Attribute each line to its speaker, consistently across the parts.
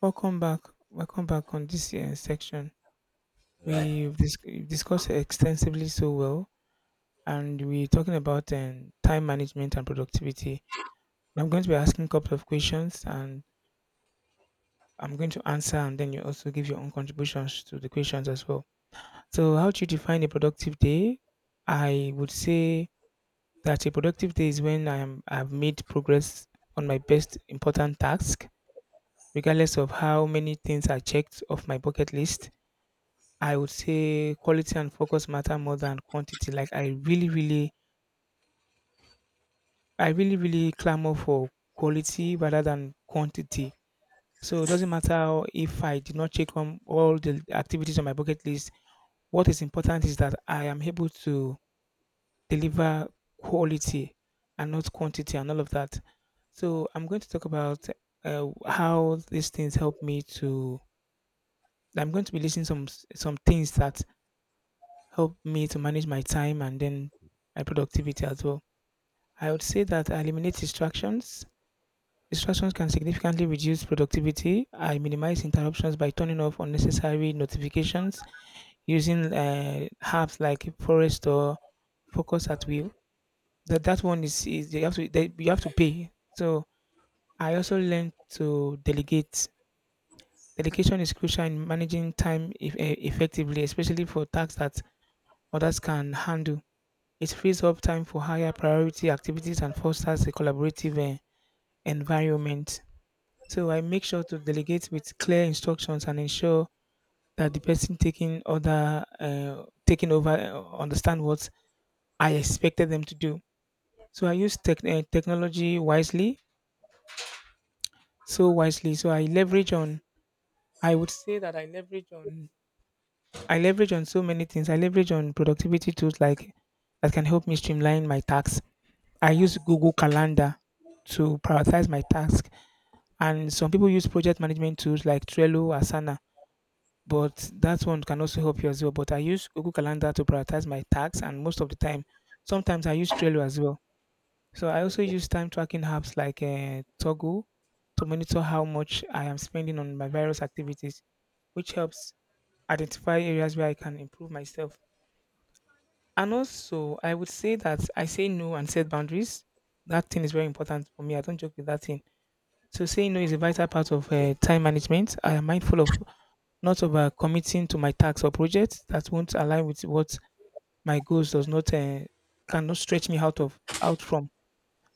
Speaker 1: Welcome back. Welcome back on this section.
Speaker 2: Right.
Speaker 1: We've discussed extensively so well, and we're talking about time management and productivity. I'm going to be asking a couple of questions, and I'm going to answer, and then you also give your own contributions to the questions as well. So, how do you define a productive day? I would say that a productive day is when I've made progress on my best important task, regardless of how many things I checked off my bucket list. I would say quality and focus matter more than quantity. Like I really, really clamor for quality rather than quantity. So it doesn't matter if I did not check on all the activities on my bucket list. What is important is that I am able to deliver quality and not quantity and all of that. So I'm going to talk about how these things help me to. I'm going to be listing some things that help me to manage my time and then my productivity as well. I would say that I eliminate distractions. Distractions can significantly reduce productivity. I minimize interruptions by turning off unnecessary notifications using apps like Forest or Focus at Will. That one is you have to you have to pay. So I also learned to delegate. Delegation is crucial in managing time if, eh, effectively, especially for tasks that others can handle. It frees up time for higher priority activities and fosters a collaborative environment. So I make sure to delegate with clear instructions and ensure that the person taking over understand what I expected them to do. So I use technology wisely. So I leverage on. I would say that I leverage on. I leverage on so many things. I leverage on productivity tools like that can help me streamline my tasks. I use Google Calendar to prioritize my task. And some people use project management tools like Trello, Asana, but that one can also help you as well. But I use Google Calendar to prioritize my tasks, and most of the time, sometimes I use Trello as well. So I also
Speaker 2: Okay.
Speaker 1: use time tracking apps like Toggle to monitor how much I am spending on my various activities, which helps identify areas where I can improve myself. And also, I would say that I say no and set boundaries. That thing is very important for me. I don't joke with that thing. So saying no is a vital part of
Speaker 2: Okay.
Speaker 1: time management. I am mindful of not overcommitting to my tasks or projects that won't align with what my goals does not cannot stretch me out of out from.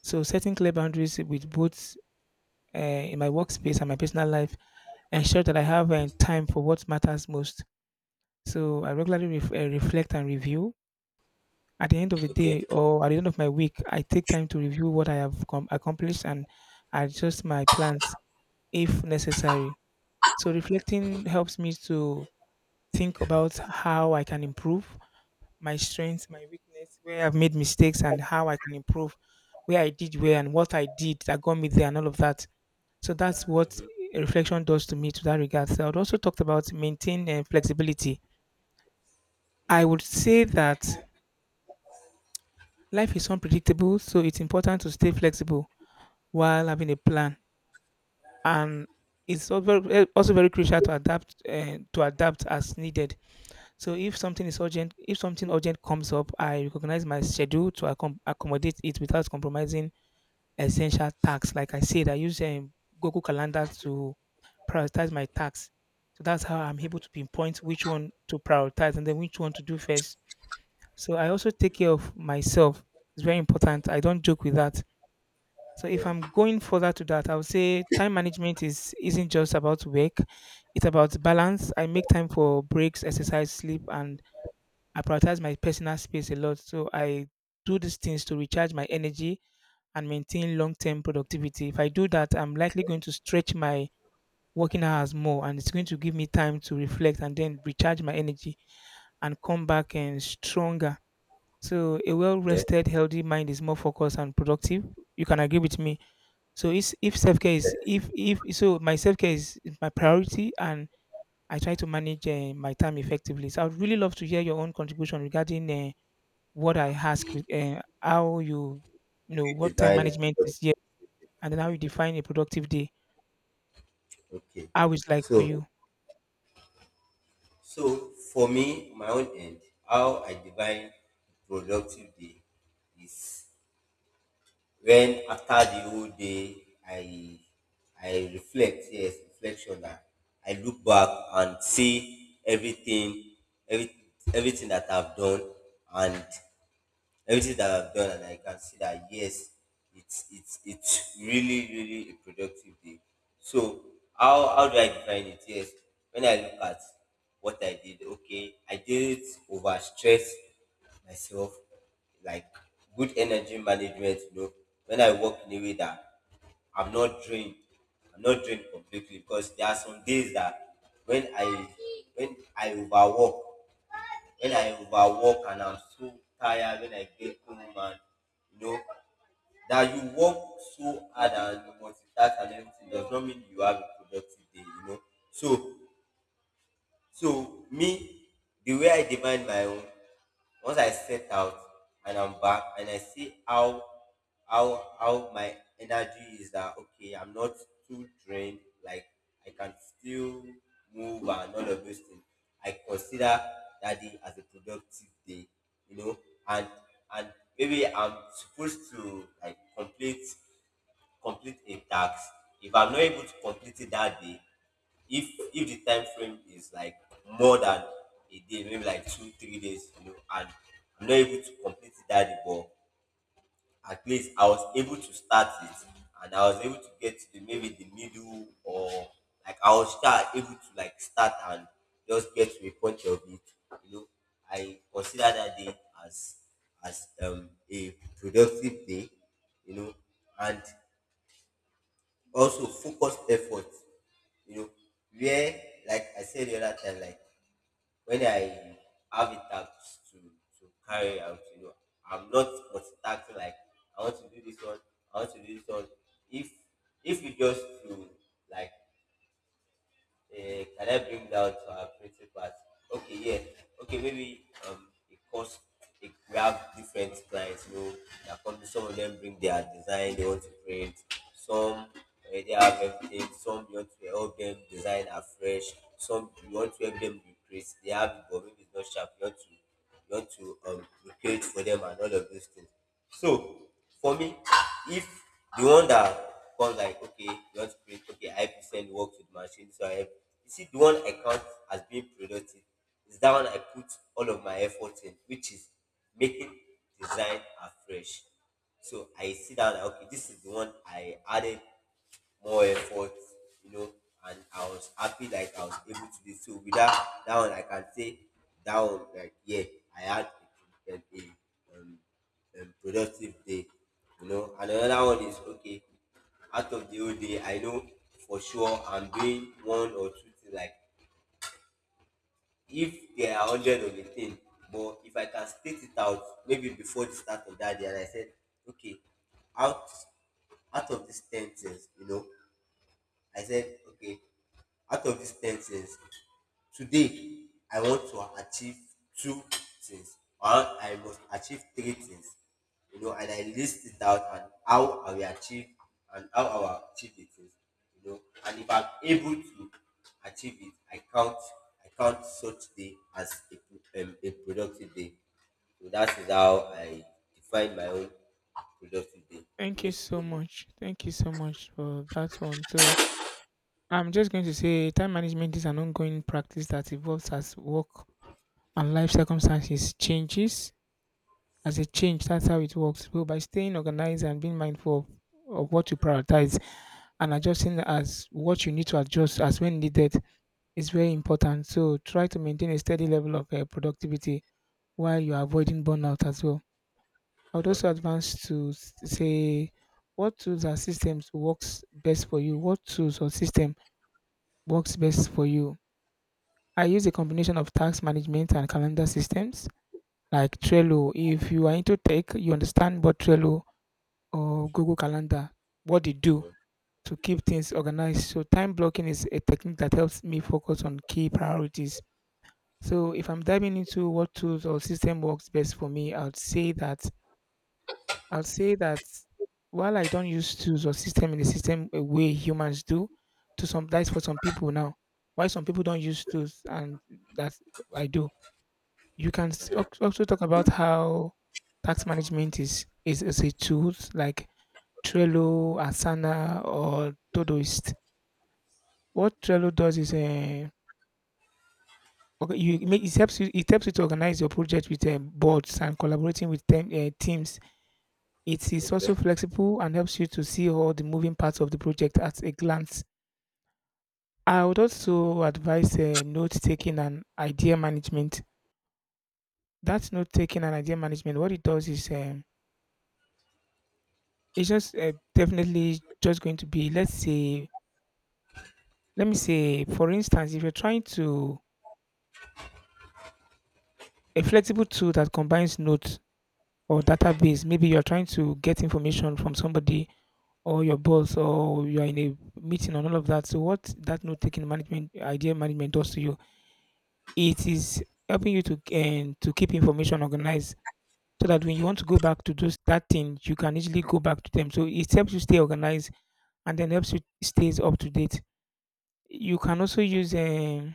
Speaker 1: So setting clear boundaries with both in my workspace and my personal life ensure that I have time for what matters most. So I regularly reflect and review. At the end of the
Speaker 2: Okay.
Speaker 1: day or at the end of my week, I take time to review what I have accomplished and adjust my plans if necessary. So reflecting helps me to think about how I can improve my strengths, my weakness, where I've made mistakes and how I can improve, where I did well and what I did that got me there and all of that. So that's what reflection does to me to that regard. So I would also talked about maintain and flexibility. I would say that life is unpredictable, so it's important to stay flexible while having a plan. And it's al- very- eh, also very crucial to adapt as needed. So if something urgent comes up, I recognize my schedule to accommodate it without compromising essential tasks. Like I said, I use Google Calendar to prioritize my tasks. So that's how I'm able to pinpoint which one to prioritize and then which one to do first. So I also take care of myself. It's very important. I don't joke with that. So if I'm
Speaker 2: Yeah.
Speaker 1: going further to that, I would say time management is isn't just about work. It's about balance. I make time for breaks, exercise, sleep, and I prioritize my personal space a lot. So I do these things to recharge my energy and maintain long term productivity. If I do that, I'm likely going to stretch my working hours more and it's going to give me time to reflect and then recharge my energy and come back and stronger. So a well
Speaker 2: Yeah.
Speaker 1: rested, healthy mind is more focused and productive. You can agree with me. So if self care is if so my self care is my priority and I try to manage my time effectively. So I would really love to hear your own contribution regarding what I ask with how
Speaker 2: You
Speaker 1: what time
Speaker 2: divide it.
Speaker 1: management is here, and then how you define a productive day,
Speaker 2: Okay.
Speaker 1: how it's like for
Speaker 2: So
Speaker 1: you.
Speaker 2: so for me, my own end, how I divide productive day is when after the whole day I reflect, yes, reflection that I look back and see everything, every, everything that I've done and everything that I've done, and I can see that yes, it's really, really a productive day. So how do I define it? Yes, when I look at what I did, okay, I didn't overstress myself, like good energy management. You know, when I work in a way that I'm not drained. I'm not drained completely because there are some days that when I when I overwork, when I overwork and I'm so tired when I get home and you know that you work so hard and you multitask and everything does not mean you have a productive day. So so me, the way I divide my own, once I set out and I'm back and I see how my energy is, that okay, I'm not too drained, like I can still move and all of those things. I consider that day as a productive day, you know, and and maybe I'm supposed to like complete a task. If I'm not able to complete it that day, if the time frame is like more than a day, maybe like 2 3 days, you know, and I'm not able to complete it that day, but at least I was able to start it and I was able to get to the, maybe the middle, or like I was start and just get to a point of it, you know. I consider that day as a productive day, you know. And also focused effort, you know, where like I said the other time, like when I have a task to carry out, you know, I'm not multitasking. Like I want to do this one, I want to do this one. If if you just to like Can I bring that to our principal? Okay, yeah. Okay, maybe because we have different clients, you know, that come. Some of them bring their design they want to print, some they have everything. Some you want to help them design afresh, some you want to help them recreate. They have it, but maybe it's not sharp, you want to recreate for them and all of those things. So for me, if the one that comes, like, okay, you want to create, okay, I 95% works with machine. So I have, you see, the one I count as being productive is that one I put all of my efforts in, which is making design afresh. So I see that, okay, this is the one I added more effort, you know, and I was happy, like I was able to do so. With that, that one I can say that one, like yeah, I had a productive day, you know. And another one is, okay, out of the whole day, I know for sure I'm doing one or two things. Like if there are hundred of a thing, but if I can state it out, maybe before the start of that day, and I said, okay, out out of these 10 things, you know, I said, okay, out of these 10 things today, I want to achieve two things, or I must achieve three things, you know, and I list it out and how I will achieve the things, you know. And if I'm able to achieve it, I count such day as a productive day. So that is how I define my own productive day.
Speaker 1: Thank you
Speaker 2: Meaningful
Speaker 1: so
Speaker 2: productive.
Speaker 1: much. Thank you so much for that one. So I'm just going to say time management is an ongoing practice that evolves as work and life circumstances changes. As a change, that's how it works. So by staying organized and being mindful of what you prioritize and adjusting as what you need to adjust as when needed, is very important. So try to maintain a steady level of productivity while you're avoiding burnout as well. I would
Speaker 2: Mhm,
Speaker 1: also advance to say what tools and systems works best for you. What tools or system works best for you? I use a combination of task management and calendar systems like Trello. If you are into tech, you understand what Trello or Google Calendar, what they do
Speaker 2: mhm.
Speaker 1: to keep things organized. So time blocking is a technique that helps me focus on key priorities. So if I'm diving into what tools or system works best for me, I will say that while I don't use tools or system in the system a way humans do, to some that's for some people now. Why some people don't use tools and that I do. You can also talk about how tax management is a tool like Trello, Asana, or Todoist. What Trello does is a. Okay, you it helps you to organize your project with boards and collaborating with teams. It is
Speaker 2: Okay,
Speaker 1: also flexible and helps you to see all the moving parts of the project at a glance. I would also advise note taking and idea management. That note taking and idea management, what it does is it's just definitely just going to be let's say let me say for instance if you're trying to a flexible tool that combines notes or database maybe you're trying to get information from somebody or your boss or you are in a meeting and all of that. So what that note taking management idea management does to you, it is helping you to and to keep information organized so that when you want to go back to those that thing, you can easily go back to them. So it helps you stay organized and then helps you stays up to date. You can also use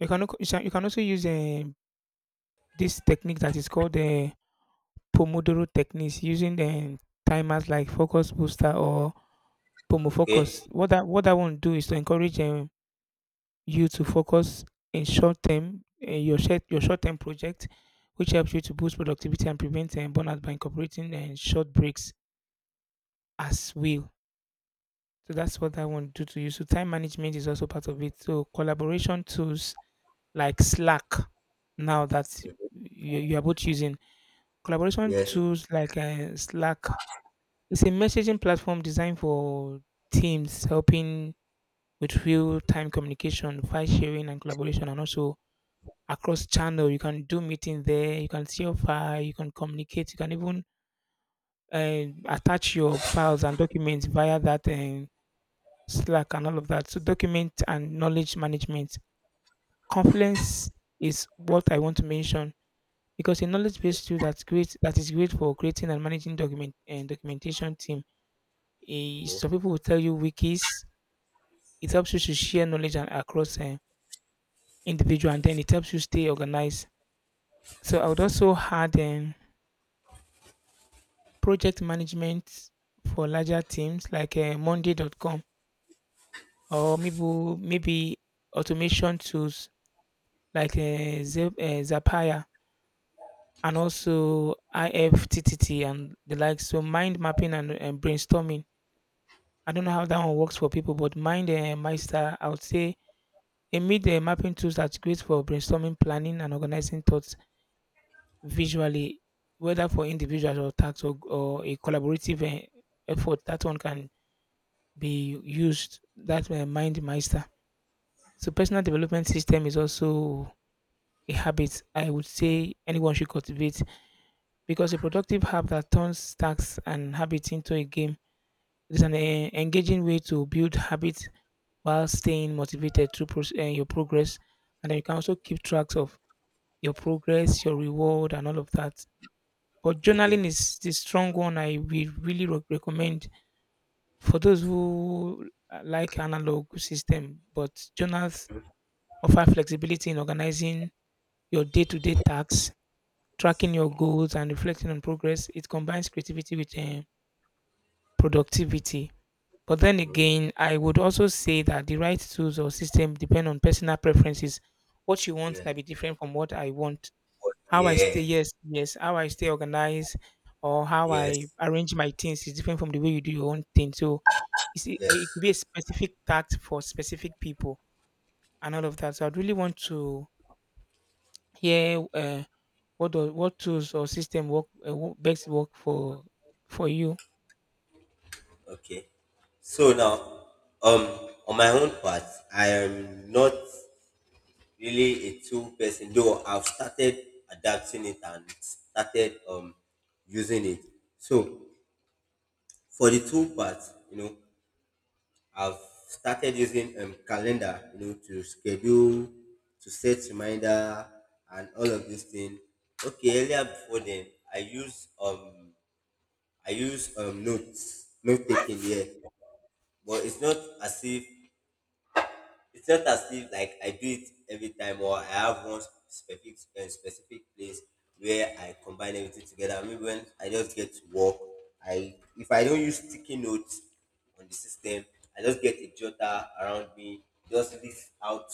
Speaker 1: you can also use this technique that is called the Pomodoro techniques using the timers like focus booster or
Speaker 2: okay.
Speaker 1: Pomofocus. What that one do is to encourage you to focus in your short term project, which helps you to boost productivity and prevent burnout by incorporating and short breaks as well. So that's what I want to do to you. So time management is also part of it. So collaboration tools like Slack now that
Speaker 2: Mhm.
Speaker 1: you are both using. Collaboration
Speaker 2: Yes.
Speaker 1: tools like Slack. It's a messaging platform designed for teams, helping with real time communication, file sharing, and collaboration, and also across channel. You can do meeting there. You can see your file. You can communicate. You can even attach your files and documents via that Slack and all of that. So document and knowledge management. Confluence is what I want to mention because a knowledge-based tool that's great that is great for creating and managing document and documentation team. Some people will tell you wikis. It helps you to share knowledge and across individual, and then it helps you stay organized. So I would also add project management for larger teams like monday.com or maybe automation tools like
Speaker 2: Okay.
Speaker 1: Zapier and also IFTTT and the like. So mind mapping and brainstorming. I don't know how that one works for people, but mind master, I would say a mid mapping tools that's great for brainstorming, planning, and organizing thoughts visually, whether for individuals or tasks or a collaborative effort. That one can be used. That's my mind meister. So personal development system is also a habit I would say anyone should cultivate because a productive app that turns tasks and habits into a game is an engaging way to build habits while staying motivated through your progress. And then you can also keep track of your progress, your reward, and all of that. But
Speaker 2: Okay.
Speaker 1: journaling is the strong one I will really recommend for those who like analog system, but journals offer flexibility in organizing your day-to-day tasks, tracking your goals and reflecting on progress. It combines creativity with productivity. But then again, I would also say that the right tools or system depend on personal preferences. What you want
Speaker 2: Yeah.
Speaker 1: might be different from what I want. How I stay,
Speaker 2: Yeah.
Speaker 1: yes, yes, how I stay organized or how I
Speaker 2: Yes.
Speaker 1: arrange my things is different from the way you do your own thing. So it it could
Speaker 2: Yes.
Speaker 1: be a specific task for specific people and all of that. So I'd really want to hear what do what tools or system work best work for you?
Speaker 2: Okay. So now, um, on my own part, I am not really a tool person, though I've started adapting it and started using it. So for the tool part, you know, I've started using calendar, you know, to schedule, to set reminder, and all of these things. Okay, earlier before then, I use um I use notes, note taking, yeah. But as if it's not as if like I do it every time, or I have one specific place where I combine everything together. Maybe when I just get to work, I, if I don't use sticky notes on the system, I just get a jotter around me, just list out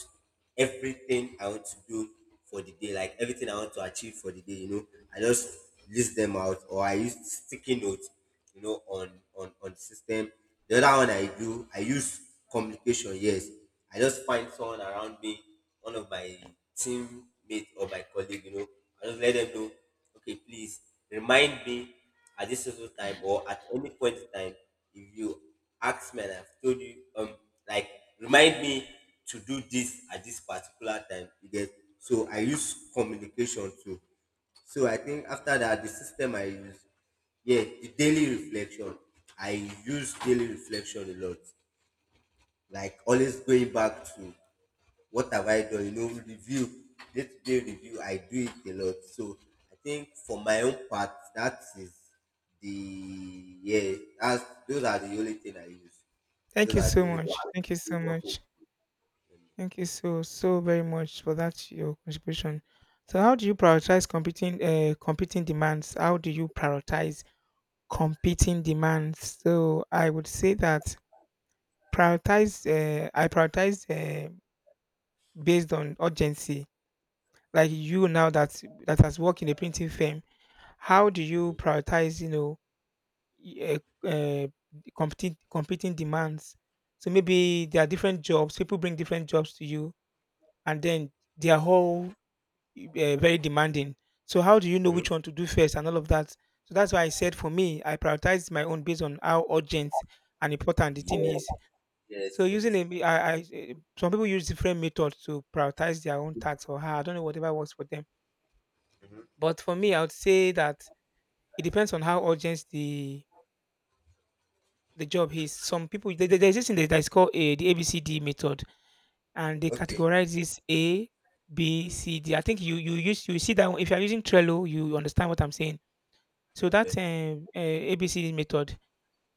Speaker 2: everything I want to do for the day, like everything I want to achieve for the day, you know. I just list them out, or I use sticky notes, you know, on the system. The other one I do, I use communication. Yes, I just find someone around me, one of my teammate or my colleague. You know, I just let them know. Okay, please remind me at this certain time, or at any point in time if you ask me and I've told you, like remind me to do this at this particular time. You get. So I use communication too. So I think after that, the system I use, yeah, the daily reflection. I use daily reflection a lot. Like always going back to what have I done, you know, review, day to day review, I do it a lot. So I think for my own part, that is the, yeah, that's, those are the only thing I use.
Speaker 1: Thank
Speaker 2: Those
Speaker 1: you
Speaker 2: are
Speaker 1: so
Speaker 2: the only thing
Speaker 1: much.
Speaker 2: I
Speaker 1: Thank you so
Speaker 2: use.
Speaker 1: much. Thank you so so very much for that your contribution. So how do you prioritize competing demands? How do you prioritize competing demands? So I would say that prioritize I prioritize based on urgency. Like you now that that has worked in a printing firm, how do you prioritize? You know y- uh, uh, competing demands. So maybe there are different jobs. People bring different jobs to you, and then they are all uh, very demanding. So how do you know
Speaker 2: Mhm.
Speaker 1: which one to do first and all of that? So that's why I said for me, I prioritize my own based on how urgent and important the thing
Speaker 2: Yes,
Speaker 1: is.
Speaker 2: yes,
Speaker 1: So using a,
Speaker 2: yes.
Speaker 1: me- I, eh, some people use different methods to prioritize their own tasks or how I don't know whatever works for them. But for me, I would say that it depends on how urgent the job is. Some people there's this thing that is called a the ABCD method, and they
Speaker 2: Okay,
Speaker 1: categorize this A, B, C, D. I think you see that one. If you're using Trello, you understand what I'm saying. So
Speaker 2: okay.
Speaker 1: that ABCD method,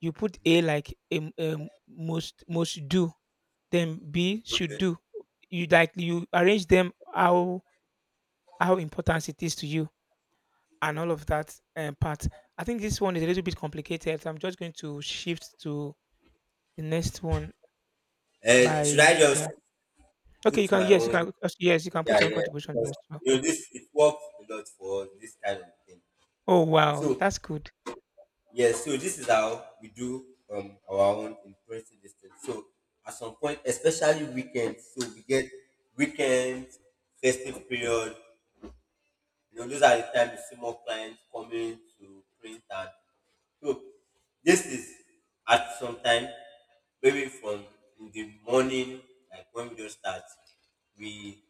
Speaker 1: you put A like most do, then B should do. You like you arrange them how important it is to you and all of that part. I think this one is a little bit complicated. So I'm just going to shift to the next one
Speaker 2: Should
Speaker 1: by
Speaker 2: I just
Speaker 1: yeah. Okay,
Speaker 2: put
Speaker 1: you can
Speaker 2: my
Speaker 1: yes, you
Speaker 2: own?
Speaker 1: can yes, you can put
Speaker 2: Yeah,
Speaker 1: your own
Speaker 2: yeah.
Speaker 1: contribution
Speaker 2: Because
Speaker 1: as well.
Speaker 2: you know, this it works a lot for us, this kind of thing.
Speaker 1: Oh wow,
Speaker 2: So
Speaker 1: that's good.
Speaker 2: yes, so this is how we do our own impressive distance. So at some point, especially weekends, so we get weekends, festive period, you know, those are the time you see more clients coming to print. And so this is at some time, maybe from in the morning, like when we just start, we,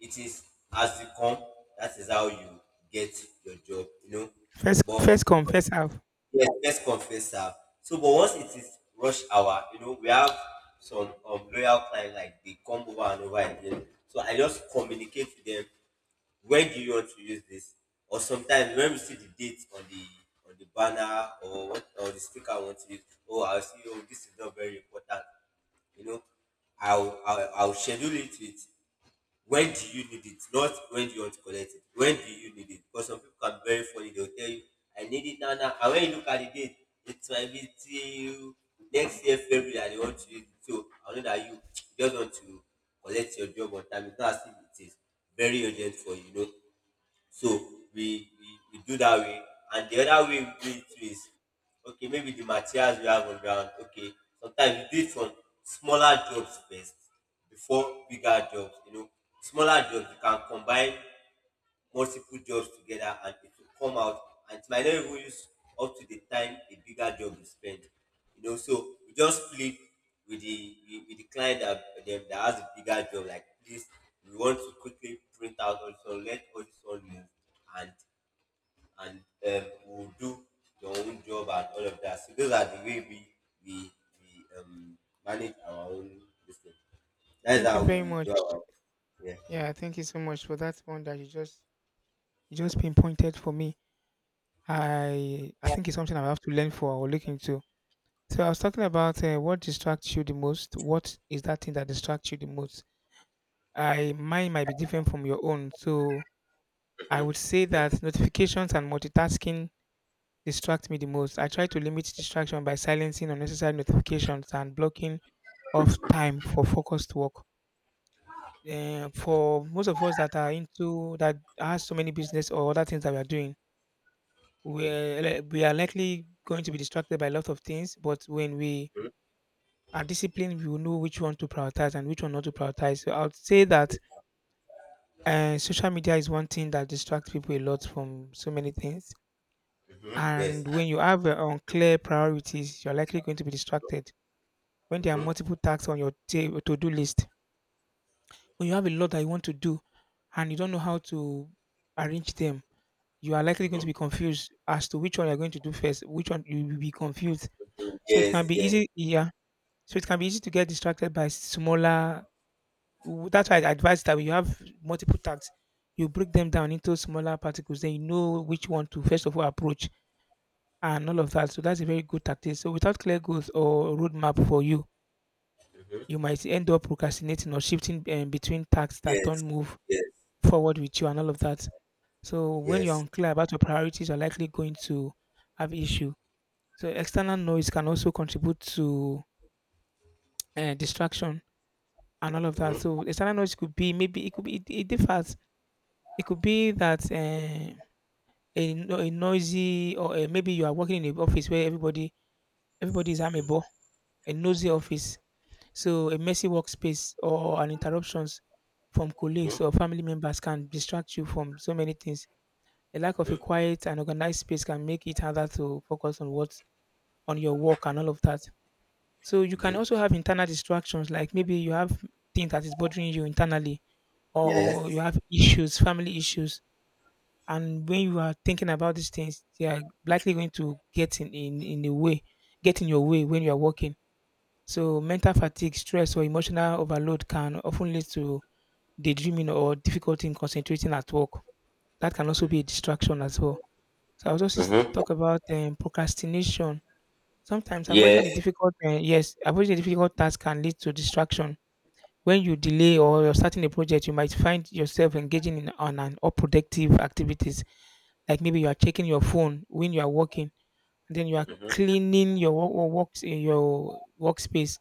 Speaker 2: it is as you come, that is how you get your job, you know.
Speaker 1: First
Speaker 2: But
Speaker 1: first come, first half.
Speaker 2: yes, let's confess that. So, but once it is rush hour, you know, we have some loyal clients like they come over and over again. So I just communicate to them, when do you want to use this, or sometimes when we see the date on the banner, or what, or the sticker I want to use. Oh, I'll see. Oh, this is not very important, you know, I'll schedule it with when do you need it, not when do you want to collect it. When do you need it? Because some people can very funny, they will tell you, I need it now now, and when you look at the date, it might be till next year February that they want to use it. So I know that you just want to collect your job on time. It's not as if it is very urgent for you, you know. So we we do that way. And the other way we do it too is, okay, maybe the materials we have on ground. Okay, sometimes we do it from smaller jobs first before bigger jobs. You know, smaller jobs you can combine multiple jobs together, and it will come out, and it might not even use up to the time a bigger job is spent. You know, so we just plead with the client that them that has a bigger job, like please, we want to quickly print out all this one, let all this one move, and and we'll do your own job, and all of that. So those are the way we we, we um manage our own business. That's
Speaker 1: Thank you
Speaker 2: how
Speaker 1: very
Speaker 2: we do
Speaker 1: much.
Speaker 2: our. Yeah.
Speaker 1: Yeah, thank you so much for that one that you just pinpointed for me. I think it's something I have to learn for or look into. So I was talking about what distracts you the most. What is that thing that distracts you the most? I mine might be different from your own. So I would say that notifications and multitasking distract me the most. I try to limit distraction by silencing unnecessary notifications and blocking off time for focused work. Eh, for most of us that are into that has so many business or other things that we are doing,
Speaker 2: mm-hmm.
Speaker 1: we are likely going to be distracted by a lot of things. But when we are disciplined, we will know which one to prioritize and which one not to prioritize. So I would say that social media is one thing that distracts people a lot from so many things.
Speaker 2: Yes.
Speaker 1: And when you have unclear priorities, you're likely going to be distracted when there are
Speaker 2: mm-hmm.
Speaker 1: multiple tasks on your to-do list, when you have a lot that you want to do and you don't know how to arrange them, you are likely going to be confused as to which one you're going to do first, which one you will be confused.
Speaker 2: Mm.
Speaker 1: So it
Speaker 2: Yes,
Speaker 1: can be
Speaker 2: yes.
Speaker 1: easy, yeah. So it can be easy to get distracted by smaller. That's why I advise that when you have multiple tasks, you break them down into smaller particles. Then you know which one to first of all approach and all of that. So that's a very good tactic. So without clear goals or roadmap for you,
Speaker 2: Mm-hmm.
Speaker 1: you might end up procrastinating or shifting between tasks that don't
Speaker 2: Yes,
Speaker 1: move
Speaker 2: yes,
Speaker 1: forward with you and all of that. So when you're
Speaker 2: yes.
Speaker 1: unclear about your priorities, you're likely going to have issue. So external noise can also contribute to distraction and all of that.
Speaker 2: Mm-hmm.
Speaker 1: So external noise could be maybe it could be it differs. It could be that a, no- a noisy or maybe you are working in an office where everybody is amiable, a noisy office. So a messy workspace or an interruptions from
Speaker 2: Mm-hmm.
Speaker 1: colleagues or family members can distract you from so many things. A lack of a
Speaker 2: Mm-hmm.
Speaker 1: quiet and organized space can make it harder to focus on what on your work and all of that. So you can
Speaker 2: Mm-hmm.
Speaker 1: also have internal distractions like maybe you have things that is bothering you internally or you
Speaker 2: Yes.
Speaker 1: have issues, family issues. And when you are thinking about these things, they are likely going to in the way, get in your way when you are working. So mental fatigue, stress, or emotional overload can often lead to daydreaming or difficulty in concentrating at work. That can also be a distraction as well. So I was also
Speaker 2: Mm-hmm.
Speaker 1: talk about procrastination. Sometimes
Speaker 2: Yes.
Speaker 1: avoiding avoiding a difficult task can lead to distraction. When you delay or you're starting a project, you might find yourself engaging in on an unproductive activities, like maybe you are checking your phone when you are working, and then you are cleaning your works in your workspace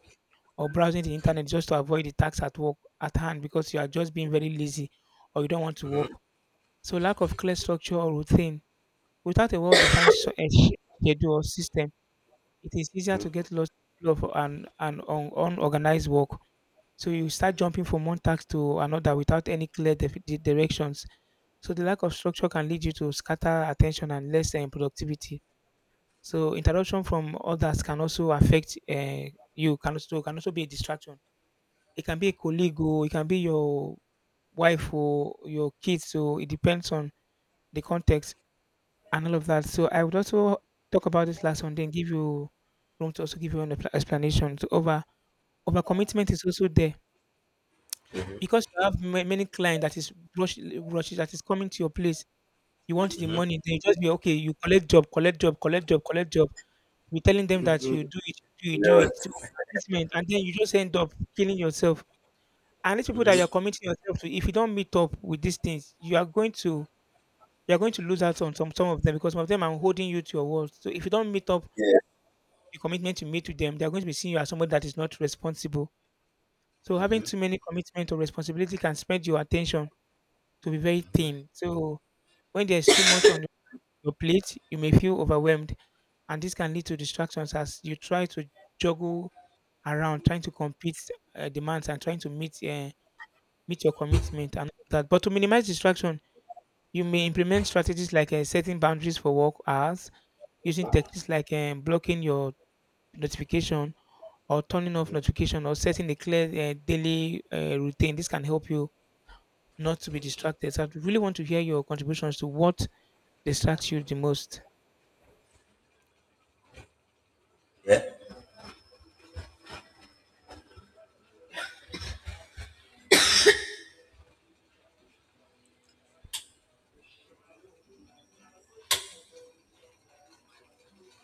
Speaker 1: or browsing the internet just to avoid the tax at work at hand because you are just being very lazy or you don't want to work. So lack of clear structure or routine. Without a well-defined schedule or system, it is easier to get lost in flow of an unorganized work. So you start jumping from one task to another without any clear directions. So the lack of structure can lead you to scatter attention and less productivity. So interruption from others can also affect you. Can also be a distraction. It can be a colleague or it can be your wife or your kids. So it depends on the context and all of that. So I would also talk about this last one, then give you room to also give you an explanation. So over commitment is also there because you have many clients that is rush, rushes that is coming to your place. You want the
Speaker 2: Mm-hmm.
Speaker 1: money, then you just be okay. You collect job, collect job, collect job, collect job. You're telling them that you do it, do it, do
Speaker 2: Lord.
Speaker 1: it. So commitment, and then you just end up killing yourself. And these people that you're
Speaker 2: Mm-hmm.
Speaker 1: committing yourself to, if you don't meet up with these things, you are going to lose out on some of them because some of them are holding you to your word. So if you don't meet up
Speaker 2: Yeah.
Speaker 1: the commitment you made to them, they're going to be seeing you as somebody that is not responsible. So having
Speaker 2: Mm-hmm.
Speaker 1: too many commitment or responsibility can spread your attention to be very
Speaker 2: Mm-hmm.
Speaker 1: thin. So when there's too much on your plate, you may feel overwhelmed, and this can lead to distractions as you try to juggle around, trying to compete demands and trying to meet your commitment and all that. But to minimize distraction, you may implement strategies like setting boundaries for work hours, using techniques like blocking your notification or turning off
Speaker 2: Mm-hmm.
Speaker 1: notification or setting a clear daily routine. This can help you not to be distracted. So I really want to hear your contributions to what distracts you the most.
Speaker 2: Yeah.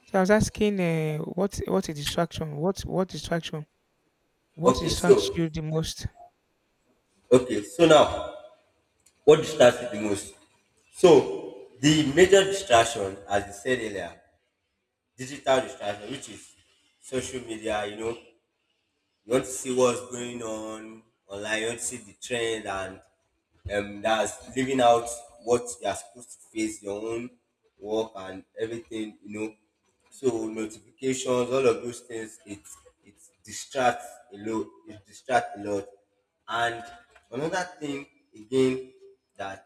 Speaker 1: So I was asking, what a distraction? What distraction? What
Speaker 2: Okay,
Speaker 1: distracts
Speaker 2: so,
Speaker 1: you the most?
Speaker 2: okay, so now, what distracts you the most? So, the major distraction, as you said earlier, digital distraction, which is social media, you know, you want to see what's going on online. You want to see the trend and that's living out what you are supposed to face your own work and everything. You know, so notifications, all of those things. It distracts a lot. It distracts a lot. And another thing again that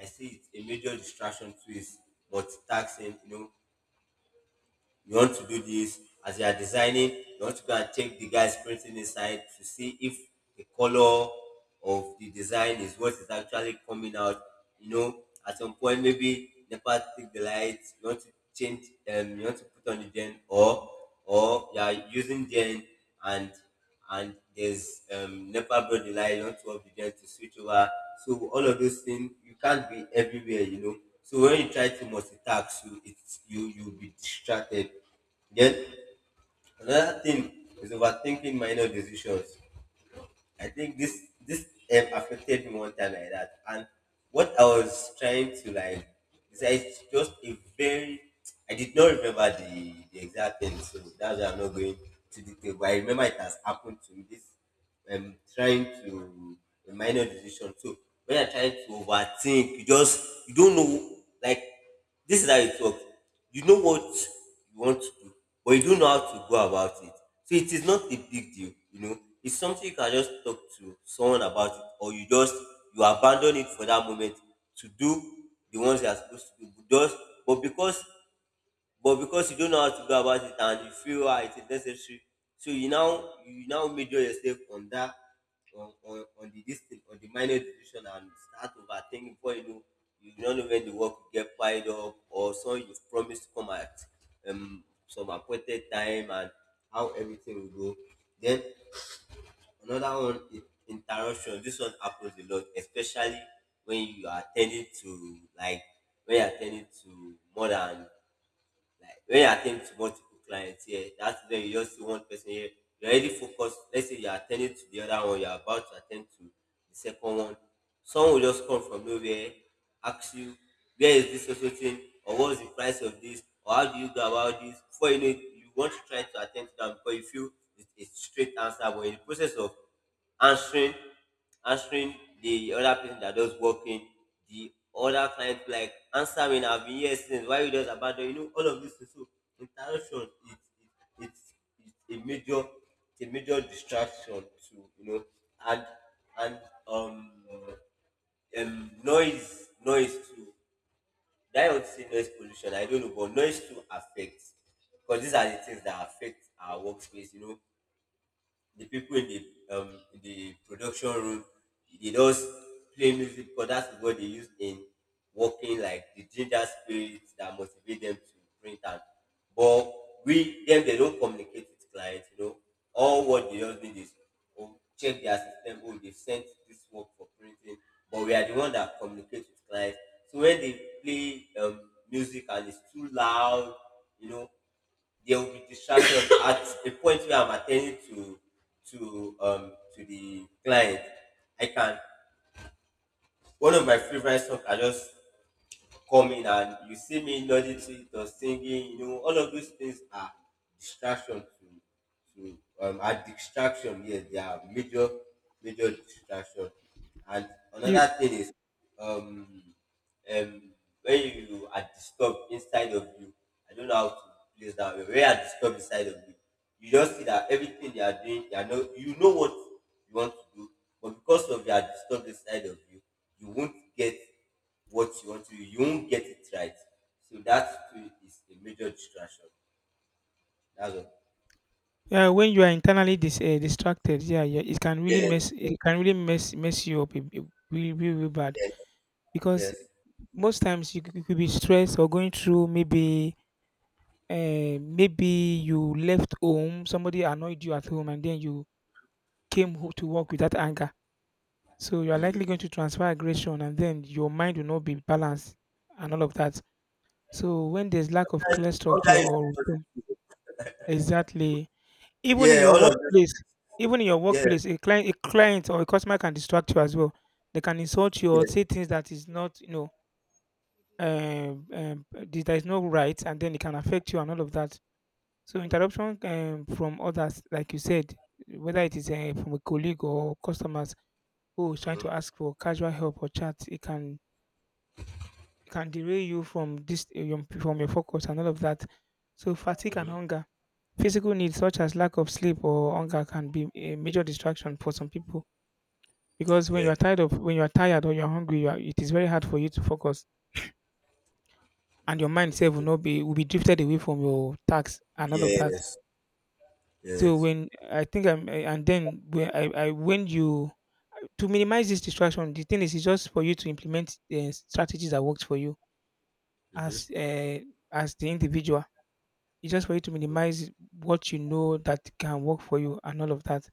Speaker 2: I see it's a major distraction to is multitasking. You know, you want to do this as you are designing, you want to go and check the guy's printing inside to see if the color of the design is what is actually coming out, you know. At some point maybe NEPA take the lights. You want to change. You want to put on the gen, or you are using gen. and and there's NEPA brought the light on the you to switch over. So all of those things, you can't be everywhere, you know. So when you try to multitask, you it's you you'll be distracted. Then another thing is overthinking minor decisions. I think this affected me one time like that, and what I was trying to, like it's just a very— I did not remember the exact thing, so that's why I'm not going to detail. But I remember it has happened to me. This trying to a minor decision. So when you're trying to overthink, you don't know, like, this is how it works. You know what you want to do, but you don't know how to go about it. So it is not a big deal, you know. It's something you can just talk to someone about, it, or you just you abandon it for that moment to do the ones you are supposed to do. But just but because but because you don't know how to go about it, and you feel ah it is necessary, so you now measure yourself on that, on on on the this on the minor decision, and start overthinking. Before you know, you don't know when the work will get piled up, or some— you promised to come at some appointed time, and how everything will go. Then another one is interruption. This one happens a lot, especially when you are attending to like when you are attending to more than like when you're attending to multiple clients here. That's when you just see one person here. You're already focused. Let's say you're attending to the other one, you're about to attend to the second one. Someone will just come from nowhere, ask you, where is this social thing? Or what's the price of this? Or how do you go about this? Before you know it, you want to try to attend to them because you feel it's a straight answer, but in the process of answering answering the other person, that does working, the other client, like, answering, I've been here since. Why you just abandon? You know, all of this. So interaction is, it's a major— it's a major distraction to, you know. And and um um noise, noise too. I don't say noise pollution, I don't know, but noise too affects, because these are the things that affect our workspace. You know, the people in the production room, they just play music, because that's what they use in working, like the ginger spirits that motivate them to print out. But we them they don't communicate with clients, you know. All what they just need is, oh, check their system, oh, they sent this work for printing. But we are the one that communicates with clients. So when they play music and it's too loud, you know, there will be distraction. At the point where I'm attending to to the client, I can— one of my favorite songs I just come in and you see me nodding to it or singing, you know, all of those things are distraction to are distraction. Yes, they are major, major distraction. And
Speaker 1: You
Speaker 2: another thing is um um when you are disturbed inside of you— I don't know how to place that well. When you are disturbed inside of you, you just see that everything they are doing, they are no— you know what you want to do, but because of your disturbed inside of you, you won't get— what you want to do, you won't get it right. So that too is a major distraction. That's all.
Speaker 1: When you are internally distracted, yeah, yeah, it can really
Speaker 2: Yes,
Speaker 1: mess you up really really really bad,
Speaker 2: yes.
Speaker 1: because
Speaker 2: Yes.
Speaker 1: most times you could be stressed or going through maybe you left home, somebody annoyed you at home, and then you came home to work with that anger, so you are likely going to transfer aggression and then your mind will not be balanced and all of that. So when there's lack of
Speaker 2: That's
Speaker 1: clear
Speaker 2: all
Speaker 1: structure
Speaker 2: that is.
Speaker 1: or routine. Exactly. Even in
Speaker 2: Yeah,
Speaker 1: your
Speaker 2: all of this.
Speaker 1: workplace,
Speaker 2: Yes,
Speaker 1: a client or a customer can distract you as well. They can insult you or say
Speaker 2: yes,
Speaker 1: things that is not. um, um, there is no right, and then it can affect you and all of that. So interruption from others, like you said, whether it is from a colleague or customers who is trying to ask for casual help or chat, it can derail you from your focus and all of that. So fatigue and
Speaker 2: mm-hmm.
Speaker 1: hunger, physical needs such as lack of sleep or hunger can be a major distraction for some people, because when you
Speaker 2: Yeah.
Speaker 1: are tired of when you are tired or you are hungry, it is very hard for you to focus. And your mind sef will
Speaker 2: Mhm.
Speaker 1: not be will be drifted away from your tax and all of that.
Speaker 2: Yes,
Speaker 1: So
Speaker 2: yes.
Speaker 1: when I think I'm eh, and then when I when you to minimize this distraction, the thing is it's just for you to implement the strategies that works for you
Speaker 2: Mm-hmm.
Speaker 1: as uh, as the individual. It's just for you to minimize what you know that can work for you and all of that.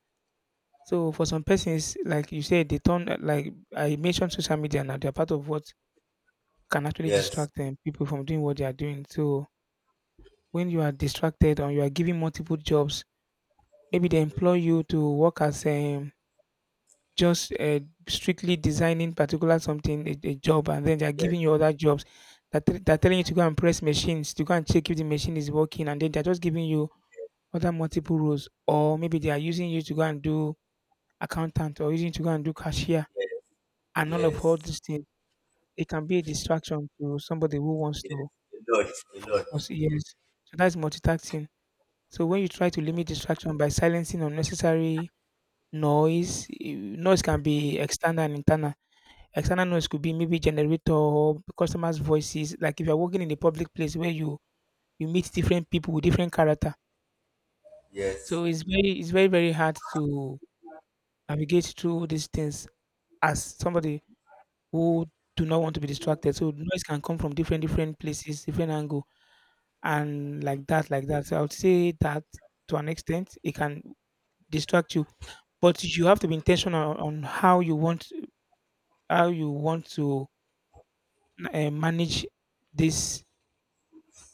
Speaker 1: So for some persons, like you said, they turn like I mentioned social media now, they're part of what can actually
Speaker 2: Yes.
Speaker 1: distract them people from doing what they are doing. So when you are distracted or you are giving multiple jobs, maybe they employ you to work as just strictly designing particular something a job, and then they are giving you
Speaker 2: Yes,
Speaker 1: other jobs they're telling you to go and press machines to go and check if the machine is working, and then they're just giving you other multiple roles, or maybe they are using you to go and do accountant or using you to go and do cashier,
Speaker 2: yes,
Speaker 1: and all
Speaker 2: yes,
Speaker 1: these things. It can be a distraction to somebody who wants
Speaker 2: yes.
Speaker 1: to
Speaker 2: A lot, a lot.
Speaker 1: focus. Yes, so that's multitasking. So when you try to limit distraction by silencing unnecessary noise can be external and internal. External noise could be maybe generator or customers' voices. Like if you're working in a public place where you meet different people with different character, so
Speaker 2: Yes.
Speaker 1: it's very very hard to navigate through these things as somebody who do not want to be distracted. So noise can come from different different places, different angle, and
Speaker 2: Mhm.
Speaker 1: like that, like that. So I would say that to an extent, it can distract you. But you have to be intentional on how you want to manage this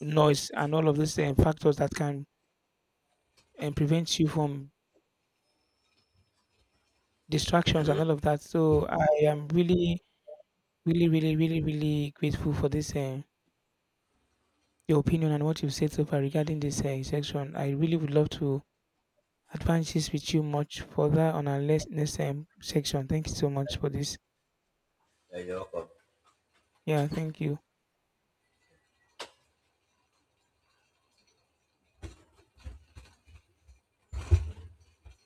Speaker 1: noise and all of these factors that can prevent you from distractions and all of that. So I am really, really, really, really, really grateful for this your opinion and what you've said so far regarding this section. I really would love to advance this with you much further on our next section. Thank you so much for this.
Speaker 2: Yeah, you're welcome.
Speaker 1: Yeah, thank you.